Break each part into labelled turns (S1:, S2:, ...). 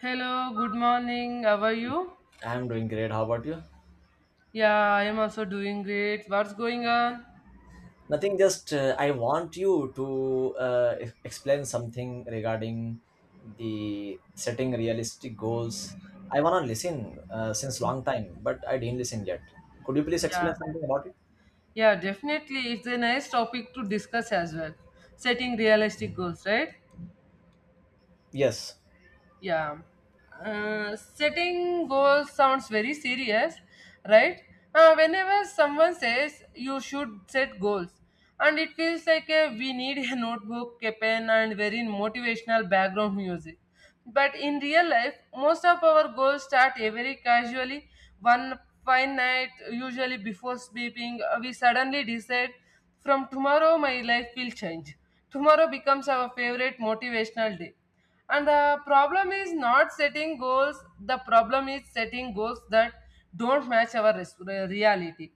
S1: Hello, good morning. How are you?
S2: I'm doing great. How about you?
S1: Yeah, I am also doing great. What's going on?
S2: Nothing, just I want you to explain something regarding the setting realistic goals. I want to listen since long time, but I didn't listen yet. Could you please explain
S1: Yeah,
S2: something about it?
S1: yeah, definitely. It's a nice topic to discuss as well. Setting realistic goals, right?
S2: Yes.
S1: Yeah. Setting goals sounds very serious, right? Whenever someone says you should set goals, and it feels like we need a notebook, a pen, and very motivational background music. But in real life, most of our goals start very casually. One fine night, usually before sleeping, we suddenly decide from tomorrow my life will change. Tomorrow becomes our favorite motivational day, and the problem is not setting goals, the problem is setting goals that don't match our reality.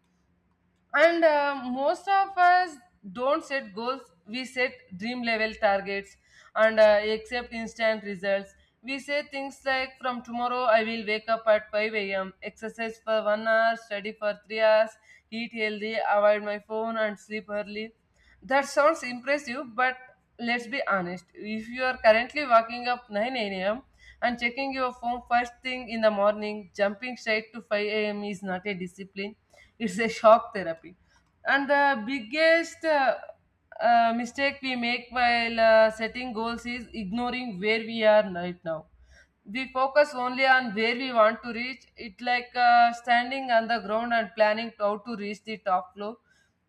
S1: And most of us don't set goals, we set dream level targets and accept instant results. We say things like, from tomorrow, I will wake up at 5 a.m., exercise for 1 hour, study for 3 hours, eat healthy, avoid my phone, and sleep early. That sounds impressive, but let's be honest. If you are currently waking up 9 a.m. and checking your phone first thing in the morning, jumping straight to 5 a.m. is not a discipline, it's a shock therapy. And the biggest mistake we make while setting goals is ignoring where we are right now. We focus only on where we want to reach. It's like standing on the ground and planning how to reach the top floor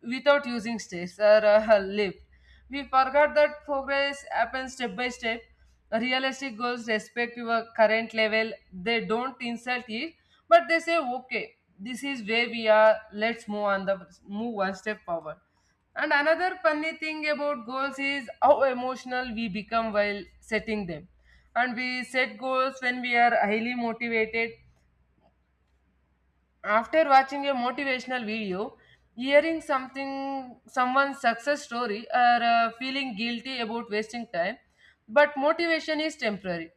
S1: without using stakes or a lift. We forgot that progress happens step by step. Realistic goals respect your current level. They don't insult it, but they say, okay, this is where we are. Let's move on the move one step forward. And another funny thing about goals is how emotional we become while setting them. And we set goals when we are highly motivated after watching a motivational video, hearing something someone's success story or feeling guilty about wasting time, but motivation is temporary.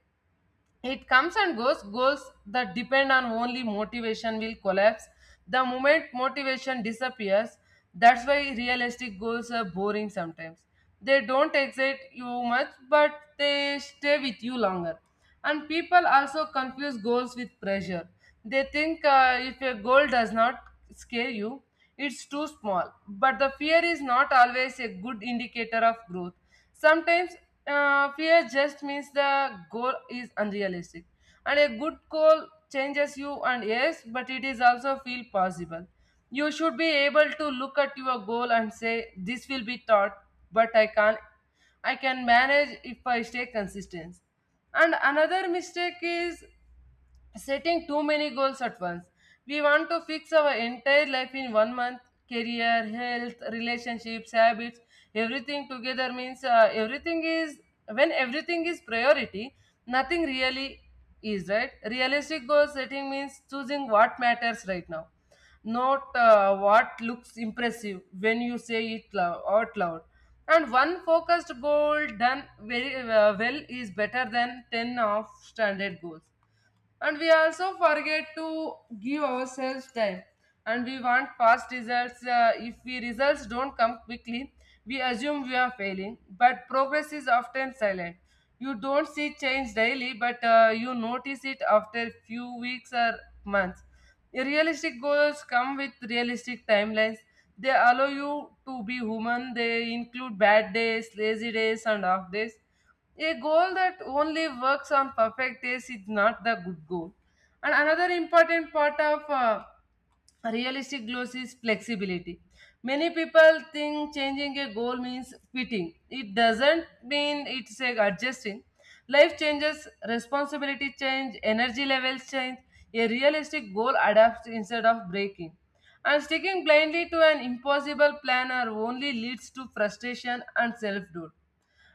S1: It comes and goes. Goals that depend on only motivation will collapse the moment motivation disappears. That's why realistic goals are boring sometimes. They don't excite you much, but they stay with you longer. And people also confuse goals with pressure. They think if a goal does not scare you, it's too small. But the fear is not always a good indicator of growth. Sometimes fear just means the goal is unrealistic, and a good goal changes you. And yes, but it is also feel possible. You should be able to look at your goal and say, "This will be taught, but I can't. I can manage if I stay consistent." And another mistake is setting too many goals at once. We want to fix our entire life in one month, career, health, relationships, habits, everything together means everything is, when everything is priority, nothing really is, right? Realistic goal setting means choosing what matters right now, not what looks impressive when you say it out loud. And one focused goal done very well is better than 10 of standard goals. And we also forget to give ourselves time, and we want fast results. If we results don't come quickly, we assume we are failing. But progress is often silent. You don't see change daily, but you notice it after few weeks or months. Realistic goals come with realistic timelines. They allow you to be human. They include bad days, lazy days, and off days. A goal that only works on perfect days is not the good goal. And another important part of realistic goals is flexibility. Many people think changing a goal means quitting. It doesn't mean it's a adjusting. Life changes, responsibility change, energy levels change. A realistic goal adapts instead of breaking. And sticking blindly to an impossible plan or only leads to frustration and self-doubt.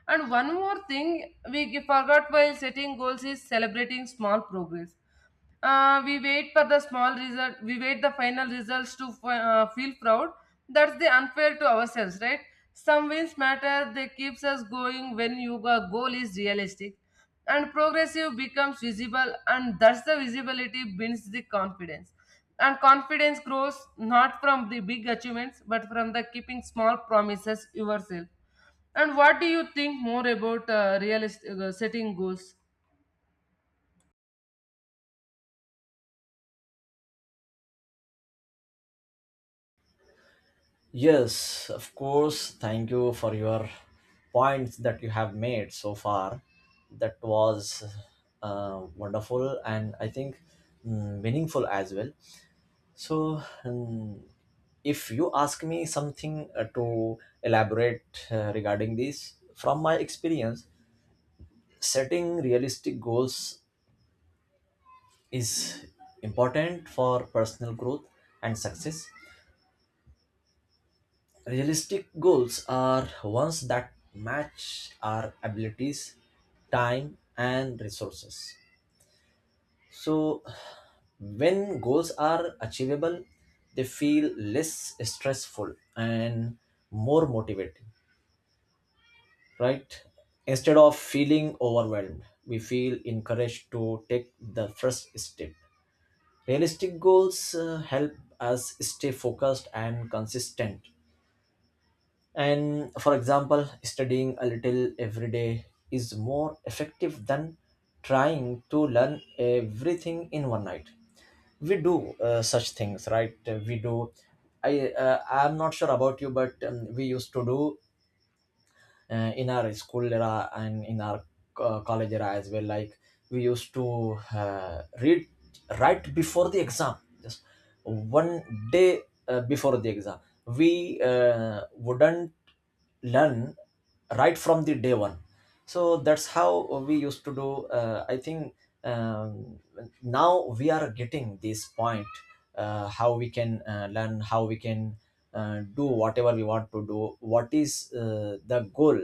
S1: And one more thing we forgot while setting goals is celebrating small progress. We wait for the small result. We wait the final results to feel proud. That's the unfair to ourselves, right? Some wins matter. They keeps us going when your goal is realistic, and progressive becomes visible, and that's the visibility builds the confidence. And confidence grows not from the big achievements, but from the keeping small promises yourself. And what do you think more about realist setting goals?
S2: Yes, of course. Thank you for your points that you have made so far. That was wonderful and I think meaningful as well. So, if you ask me something to elaborate regarding this, from my experience, setting realistic goals is important for personal growth and success. Realistic goals are ones that match our abilities, time, and resources. So, when goals are achievable, they feel less stressful and more motivating, right? Instead of feeling overwhelmed, we feel encouraged to take the first step. Realistic goals help us stay focused and consistent. And for example, studying a little every day is more effective than trying to learn everything in one night. We do such things, right? We do. I'm not sure about you, but we used to do in our school era and in our college era as well, like we used to read right before the exam, just 1 day before the exam. We wouldn't learn right from the day one. So that's how we used to do. I think, um, now we are getting this point, how we can learn, how we can do whatever we want to do, what is the goal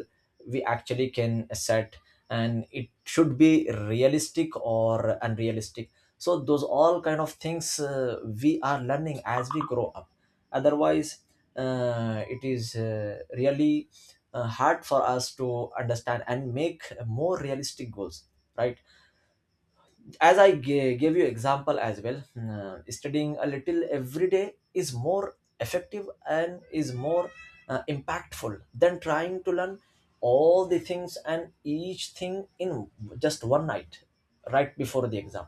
S2: we actually can set, and it should be realistic or unrealistic. So those all kind of things we are learning as we grow up. Otherwise, it is really hard for us to understand and make more realistic goals, right? As gave you example as well. Studying a little every day is more effective and is more impactful than trying to learn all the things and each thing in just one night, right before the exam.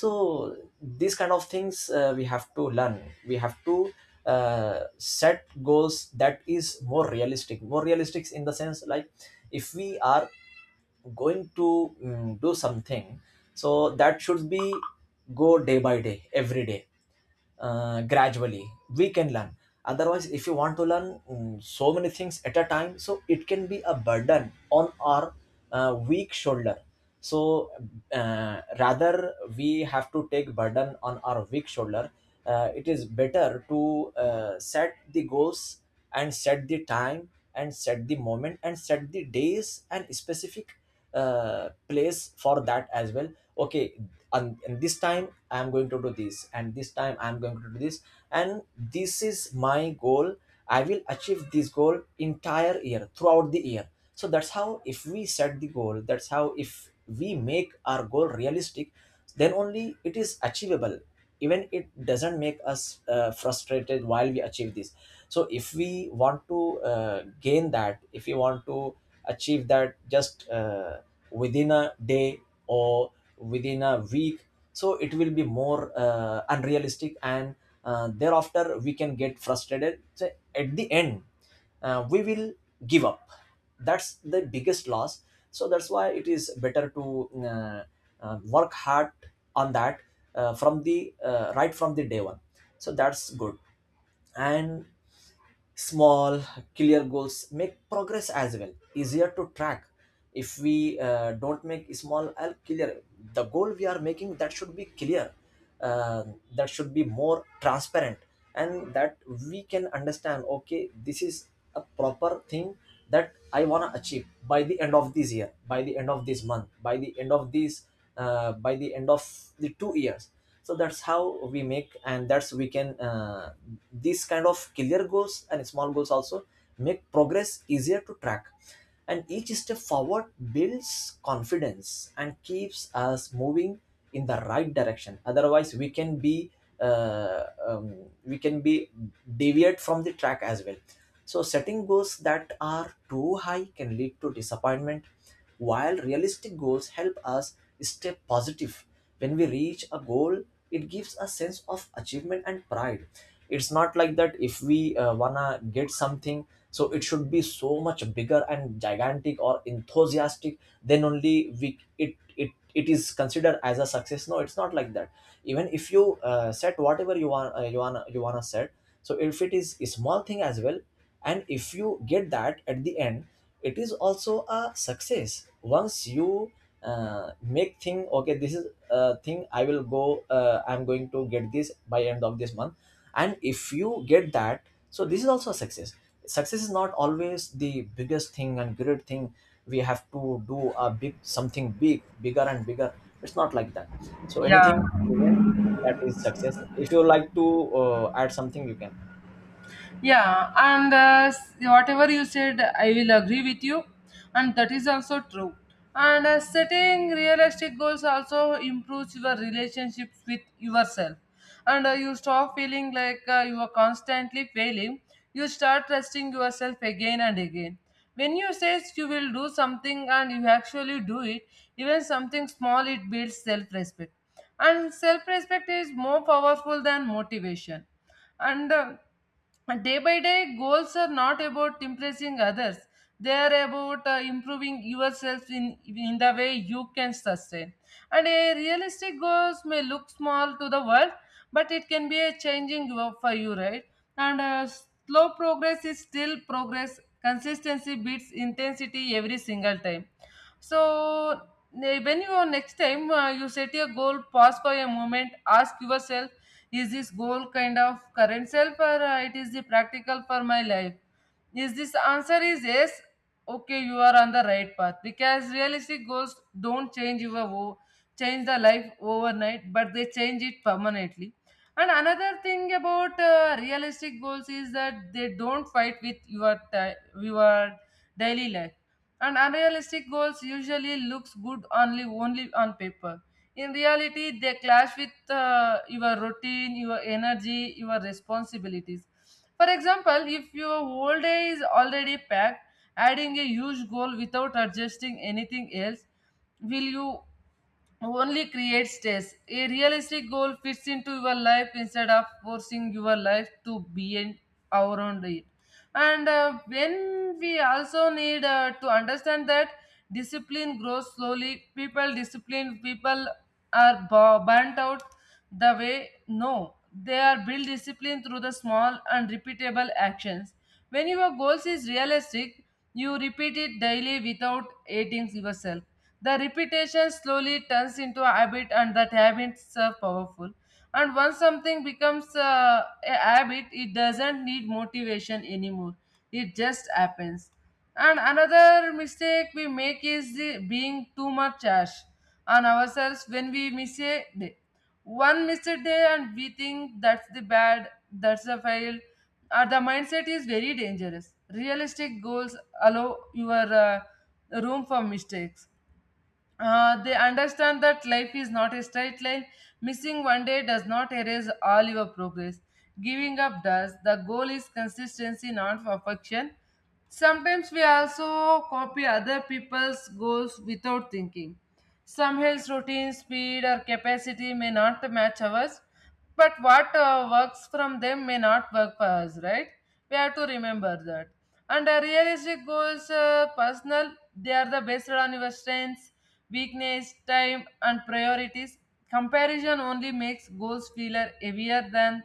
S2: So these kind of things we have to learn. We have to set goals that is more realistic. More realistic in the sense, like if we are going to do something, so that should be go day by day, every day, gradually we can learn. Otherwise, if you want to learn so many things at a time, so it can be a burden on our weak shoulder. So rather we have to take burden on our weak shoulder, it is better to set the goals, and set the time, and set the moment, and set the days, and specific place for that as well. Okay. And this time I am going to do this, and this time I am going to do this, and this is my goal. I will achieve this goal entire year, throughout the year. So that's how, if we set the goal, that's how, if we make our goal realistic, then only it is achievable. Even it doesn't make us frustrated while we achieve this. So if we want to gain that, if we want to achieve that just within a day or within a week, so it will be more unrealistic, and thereafter we can get frustrated. So at the end, we will give up. That's the biggest loss. So that's why it is better to work hard on that, from the right from the day one. So that's good. And small, clear goals make progress as well easier to track. If we don't make small l clear, the goal we are making, that should be clear, uh, that should be more transparent, and that we can understand, okay, this is a proper thing that I want to achieve by the end of this year, by the end of this month, by the end of this, by the end of the 2 years. So that's how we make, and that's we can, these kind of clear goals and small goals also make progress easier to track. And each step forward builds confidence and keeps us moving in the right direction. Otherwise, we can be, uh, um, we can be deviate from the track as well. So setting goals that are too high can lead to disappointment, while realistic goals help us stay positive. When we reach a goal, it gives a sense of achievement and pride. It's not like that, if we wanna get something, so it should be so much bigger and gigantic or enthusiastic, then only we it it it is considered as a success. No, it's not like that. Even if you set whatever you want, you wanna set. So if it is a small thing as well, and if you get that at the end, it is also a success. Once you make thing, okay, this is a thing I will go, I'm going to get this by end of this month, and if you get that, so this is also a success. Success is not always the biggest thing and great thing. We have to do a big, something big, bigger and bigger. It's not like that. So
S1: Yeah.
S2: anything given, that is success. If you like to add something, you can.
S1: Yeah, and whatever you said, I will agree with you, and that is also true. And setting realistic goals also improves your relationships with yourself, and you stop feeling like you are constantly failing. You start trusting yourself again and again. When you say you will do something and you actually do it, even something small, it builds self-respect, and self-respect is more powerful than motivation. And uh, and day by day, goals are not about impressing others. They are about improving yourself in the way you can sustain. And a realistic goals may look small to the world, but it can be a changing work for you, right? And slow progress is still progress. Consistency beats intensity every single time. So when you are next time you set your goal, pause for a moment, ask yourself, is this goal kind of current self or it is the practical for my life? Is this answer is yes? Okay, you are on the right path because realistic goals don't change your change the life overnight, but they change it permanently. And another thing about realistic goals is that they don't fight with your ti your daily life. And unrealistic goals usually looks good only on paper. In reality they clash with your routine, your energy, your responsibilities. For example, if your whole day is already packed, adding a huge goal without adjusting anything else will you only creates stress. A realistic goal fits into your life instead of forcing your life to be an around it. And when we also need to understand that discipline grows slowly, people discipline people are burnt out the way no they are built discipline through the small and repeatable actions. When your goals is realistic, you repeat it daily without hating yourself. The repetition slowly turns into a habit, and that habits are powerful. And once something becomes a habit, it doesn't need motivation anymore. It just happens. And another mistake we make is the being too much harsh on ourselves when we miss a day. One missed day and we think that's the bad, that's a fail, or the mindset is very dangerous. Realistic goals allow your room for mistakes. They understand that life is not a straight line. Missing one day does not erase all your progress. Giving up does. The goal is consistency, not perfection. Sometimes we also copy other people's goals without thinking. Some health routine speed or capacity may not match ours, but what works from them may not work for us, right? We have to remember that. And realistic goals, personal, they are the based on your strengths, weakness, time, and priorities. Comparison only makes goals feel heavier than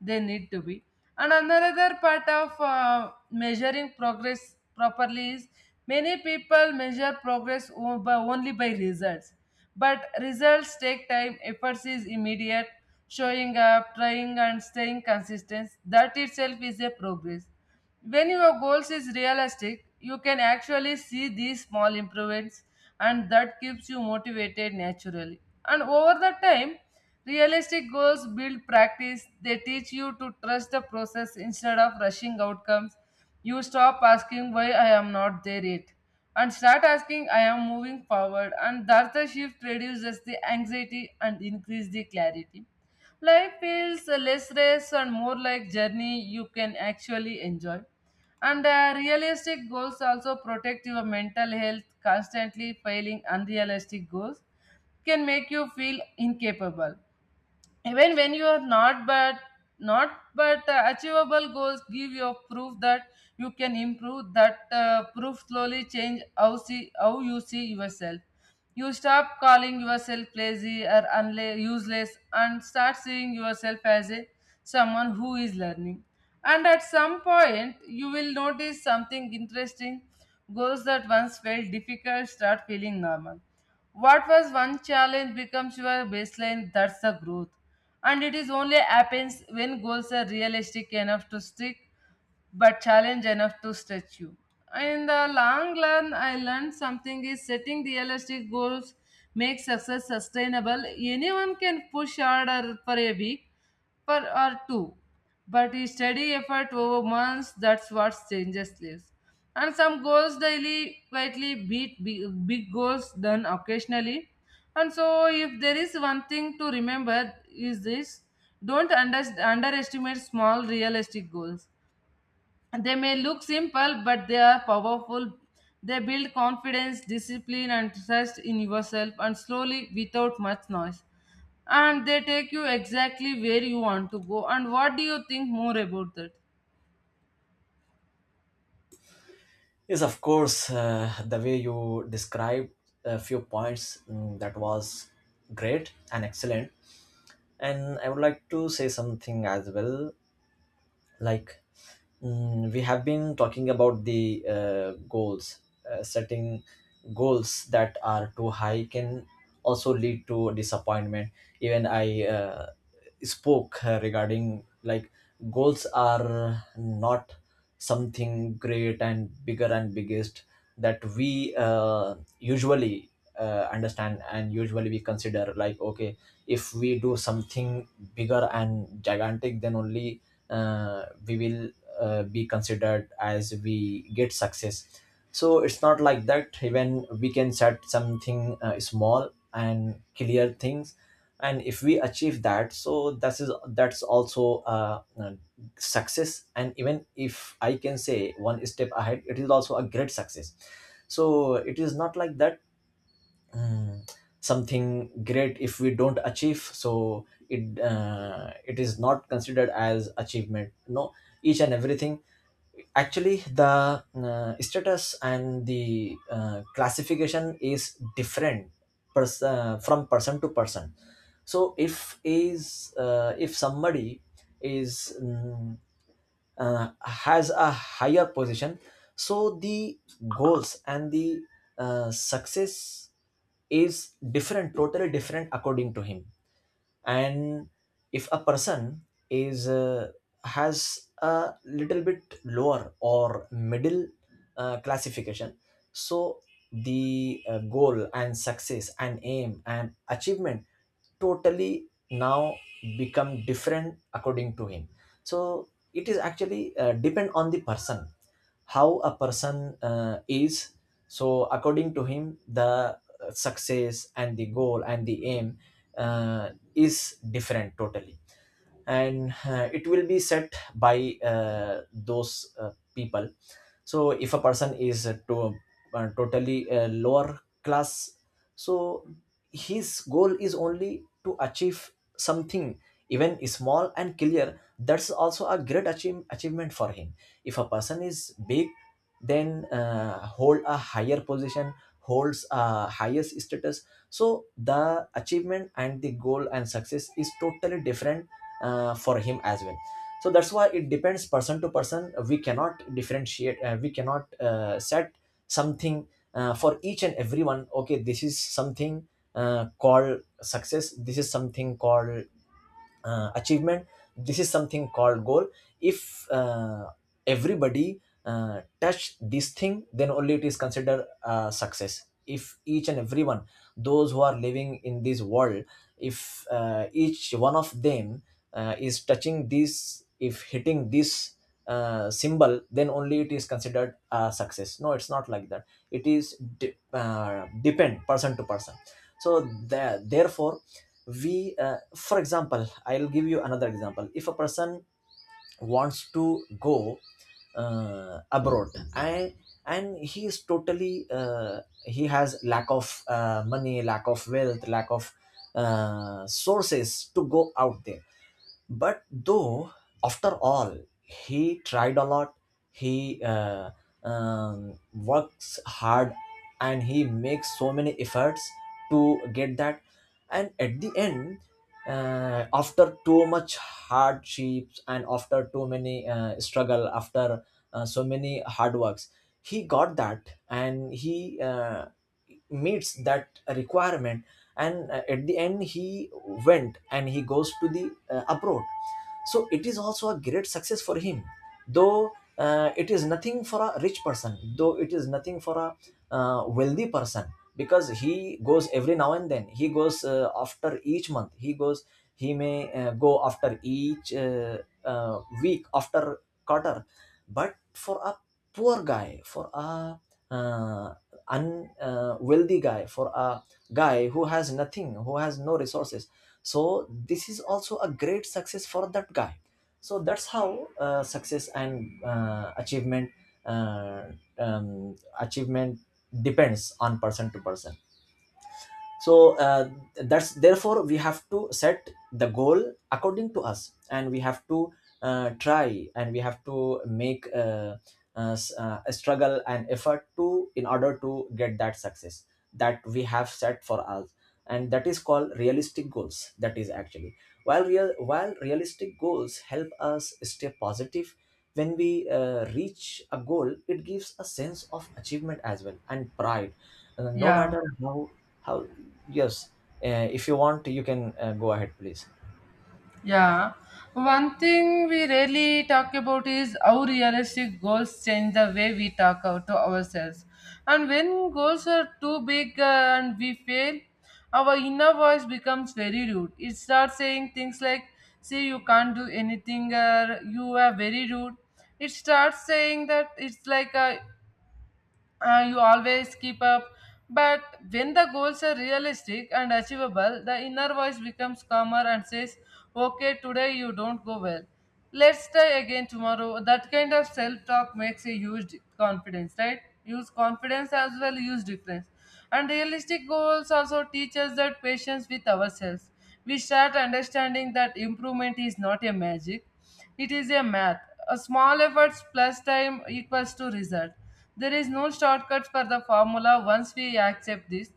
S1: they need to be. And another part of measuring progress properly is many people measure progress only by results. But results take time, efforts is immediate. Showing up, trying, and staying consistent, that itself is a progress. When your goals is realistic, you can actually see these small improvements, and that keeps you motivated naturally. And over the time, realistic goals build practice. They teach you to trust the process instead of rushing outcomes. You stop asking why I am not there yet and start asking I am moving forward. And that's the shift reduces the anxiety and increase the clarity. Life feels less race and more like journey you can actually enjoy. And realistic goals also protect your mental health. Constantly failing unrealistic goals can make you feel incapable even when you are not. But achievable goals give your proof that you can improve. That proof slowly change how see how you see yourself. You stop calling yourself lazy or useless and start seeing yourself as a someone who is learning. And at some point you will notice something interesting. Goals that once felt difficult start feeling normal. What was one challenge becomes your baseline, that's the growth. And it is only happens when goals are realistic enough to stick but challenge enough to stretch you. In the long run, I learned something is setting realistic goals makes success sustainable. Anyone can push harder for a week, for or two. But a steady effort over months, that's what changes lives. And some goals daily quietly beat big goals done occasionally. And so if there is one thing to remember is this: don't underestimate small realistic goals. They may look simple, but they are powerful. They build confidence, discipline, and trust in yourself, and slowly without much noise. And they take you exactly where you want to go. And what do you think more about that?
S2: Yes, of course. The way you described a few points, that was great and excellent. And I would like to say something as well. Like, we have been talking about the goals. Setting goals that are too high can also lead to disappointment. Even I spoke regarding, like, goals are not something great and bigger and biggest that we usually understand, and usually we consider, like, okay, if we do something bigger and gigantic, then only we will be considered as we get success. So it's not like that. Even we can set something small and clear things, and if we achieve that, so that is, that's also success. And even if I can say one step ahead, it is also a great success. So it is not like that. mm, something great, if we don't achieve, so it it is not considered as achievement. No, each and everything, actually, the status and the classification is different, from person to person. So if is if somebody is, has a higher position, so the goals and the success is different, totally different, according to him. And if a person is has a little bit lower or middle classification, so the goal and success and aim and achievement totally now become different according to him. So it is actually depend on the person, how a person is. So according to him, the success and the goal and the aim is different totally. And it will be set by those people. So if a person is to totally lower class, so his goal is only to achieve something, even small and clear, that's also a great achievement for him. If a person is big, then hold a higher position, holds a highest status, so the achievement and the goal and success is totally different for him as well. So that's why it depends person to person. We cannot differentiate, we cannot set something for each and everyone. Okay, this is something called success, this is something called achievement, this is something called goal. If everybody touch this thing, then only it is considered success. If each and everyone, those who are living in this world, if each one of them is touching this, if hitting this symbol, then only it is considered a success. No, it's not like that. It is depend person to person. So therefore, we for example, I'll give you another example. If a person wants to go abroad, and and he is totally, he has lack of money, lack of wealth, lack of sources to go out there, but though, after all, he tried a lot, he works hard, and he makes so many efforts to get that. And at the end, after too much hardships and after too many struggle, after so many hard works, he got that, and he meets that requirement. And at the end, he went, and he goes to the abroad. So it is also a great success for him, though it is nothing for a rich person, though it is nothing for a wealthy person, because he goes every now and then. He goes after each month he goes, he may Go after each week after quarter. But for a poor guy, for a uh, wealthy guy, for a guy who has nothing, who has no resources, so this is also a great success for that guy. So that's how success and achievement, uh, achievement depends on person to person. So that's, therefore we have to set the goal according to us, and we have to try, and we have to make a struggle and effort to in order to get that success that we have set for us. And that is called realistic goals, that is actually, while realistic goals help us stay positive. When we reach a goal, it gives a sense of achievement as well, and pride. No
S1: Yeah.
S2: matter how, yes, if you want, you can go ahead, please.
S1: Yeah. One thing we rarely talk about is how realistic goals change the way we talk out to ourselves. And when goals are too big and we fail, our inner voice becomes very rude. It starts saying things like, see, you can't do anything, or you are very rude. It starts saying that it's like, you always keep up. But when the goals are realistic and achievable, the inner voice becomes calmer and says, okay, today you don't go well. Let's try again tomorrow. That kind of self talk makes a huge confidence, right? Use confidence as well, use difference. And realistic goals also teach us that patience with ourselves. We start understanding that improvement is not a magic, it is a math. A small efforts plus time equals to result. There is no shortcuts for the formula once we accept this.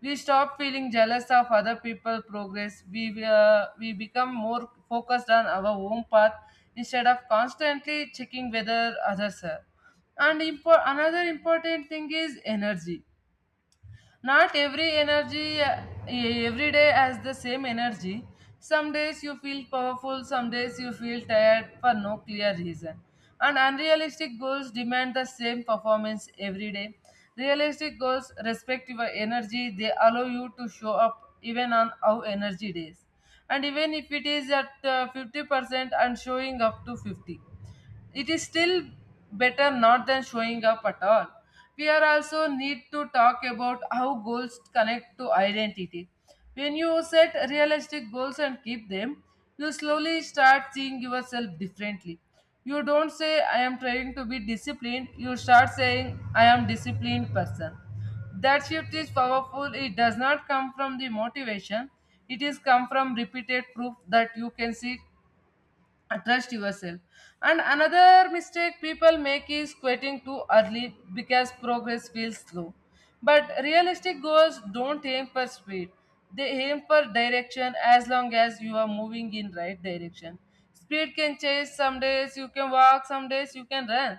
S1: We stop feeling jealous of other people' progress. We become more focused on our own path instead of constantly checking whether others are. And another important thing is energy. Not every energy, Every day has the same energy. Some days you feel powerful, some days you feel tired for no clear reason. And unrealistic goals demand the same performance every day. Realistic goals respect your energy, they allow you to show up even on our energy days. And even if it is at 50% and showing up to 50, it is still better not than showing up at all. We are also need to talk about how goals connect to identity. When you set realistic goals and keep them, you slowly start seeing yourself differently. You don't say I am trying to be disciplined, you start saying I am disciplined person. That shift is powerful. It does not come from the motivation, it is come from repeated proof that you can see, trust yourself. And another mistake people make is quitting too early because progress feels slow. But realistic goals don't aim for speed, they aim for direction. As long as you are moving in right direction, speed can chase. Some days you can walk, some days you can run,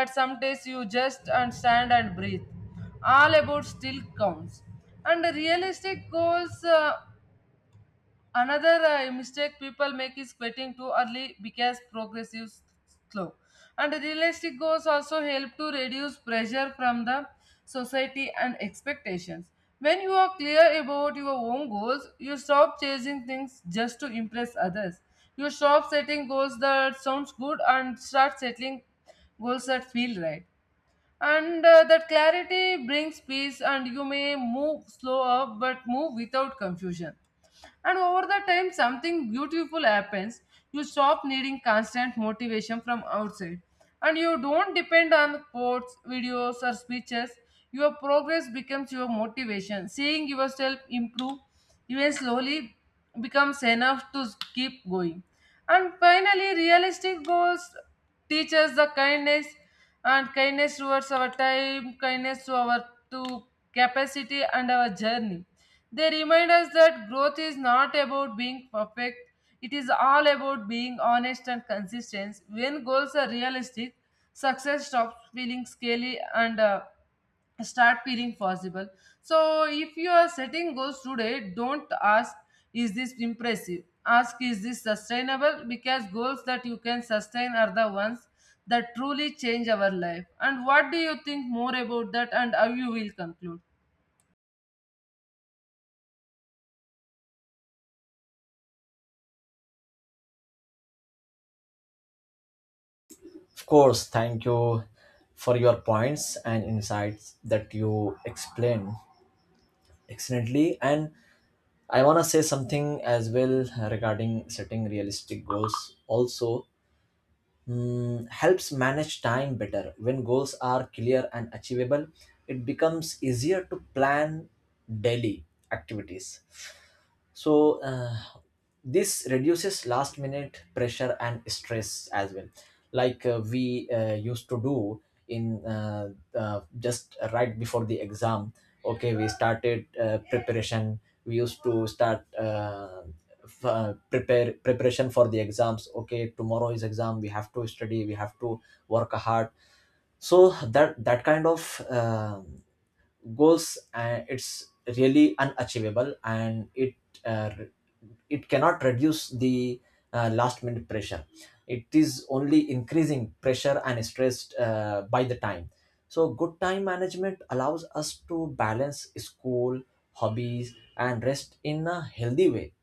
S1: but some days you just and stand and breathe. All about still counts. And realistic goals another mistake people make is quitting too early because progress is slow. And realistic goals also help to reduce pressure from the society and expectations. When you are clear about your own goals, you stop chasing things just to impress others. You stop setting goals that sounds good and start settling goals that feel right. And that clarity brings peace, and you may move slower but move without confusion. And over the time something beautiful happens. You stop needing constant motivation from outside, and you don't depend on quotes videos or speeches. Your progress becomes your motivation. Seeing yourself improve, even slowly, becomes enough to keep going. And finally, realistic goals teach us the kindness, and kindness towards our time, kindness to our, to capacity and our journey. They remind us that growth is not about being perfect, it is all about being honest and consistent. When goals are realistic, success stops feeling scary and start feeling possible. So, if you are setting goals today, don't ask, is this impressive? Ask, is this sustainable? Because goals that you can sustain are the ones that truly change our life. And what do you think more about that, and how you will conclude?
S2: Of course, thank you for your points and insights that you explained excellently. And I want to say something as well regarding setting realistic goals. Also, mm, helps manage time better. When goals are clear and achievable, it becomes easier to plan daily activities. So this reduces last minute pressure and stress as well, like we used to do in just right before the exam. Okay, we started preparation, we used to start f- prepare preparation for the exams. Okay, tomorrow is exam, we have to study, we have to work hard. So that, that kind of goals, and it's really unachievable, and it uh, it cannot reduce the last minute pressure, it is only increasing pressure and stress by the time. So good time management allows us to balance school, hobbies and rest in a healthy way.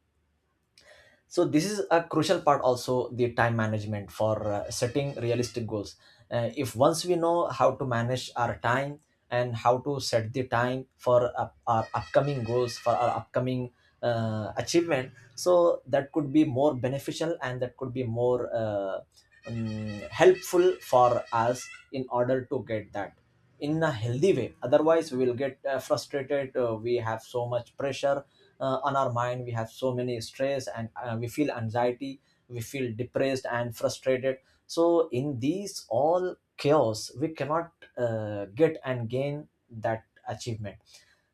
S2: So this is a crucial part also, the time management for setting realistic goals. If once we know how to manage our time and how to set the time for our upcoming goals, for our upcoming achievement, so that could be more beneficial, and that could be more helpful for us in order to get that in a healthy way. Otherwise, we will get frustrated, we have so much pressure on our mind, we have so many stress, and we feel anxiety, we feel depressed and frustrated. So in these all chaos, we cannot get and gain that achievement.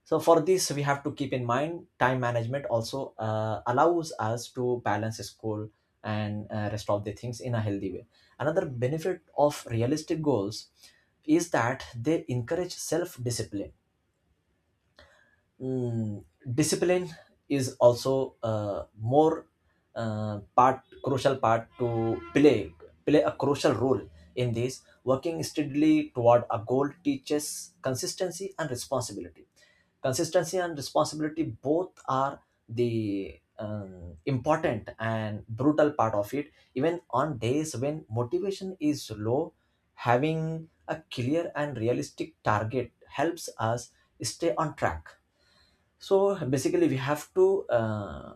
S2: So for this, we have to keep in mind time management also allows us to balance school and rest of the things in a healthy way. Another benefit of realistic goals is that they encourage self discipline. Mm, discipline is also more part crucial part to play play a crucial role in this. Working steadily toward a goal teaches consistency and responsibility. Consistency and responsibility both are the important and brutal part of it. Even on days when motivation is low, having a clear and realistic target helps us stay on track. So basically, we have to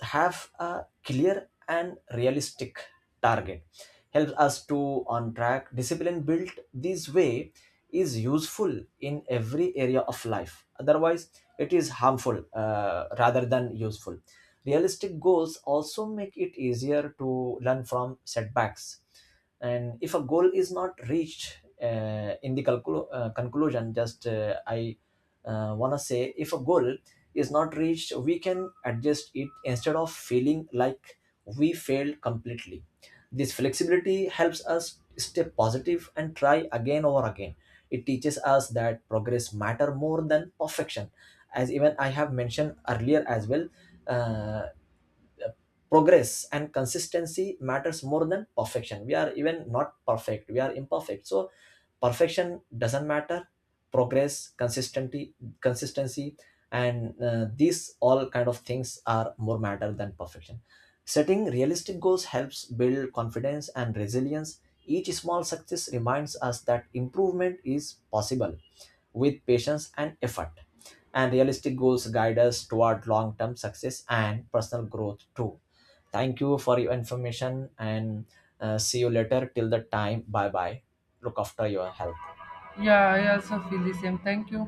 S2: have a clear and realistic target helps us to on track. Discipline built this way is useful in every area of life, otherwise it is harmful rather than useful. Realistic goals also make it easier to learn from setbacks. And if a goal is not reached, conclusion, just I want to say, if a goal is not reached, we can adjust it instead of feeling like we failed completely. This flexibility helps us stay positive and try again over again. It teaches us that progress matter more than perfection. As even I have mentioned earlier as well, uh, progress and consistency matters more than perfection. We are even not perfect, we are imperfect. So perfection doesn't matter, progress, consistency, consistency, and these all kind of things are more matter than perfection. Setting realistic goals helps build confidence and resilience. Each small success reminds us that improvement is possible with patience and effort. And realistic goals guide us toward long-term success and personal growth too. Thank you for your information, and see you later. Till the time, bye bye. Look after your health.
S1: Yeah, I also feel the same. Thank you.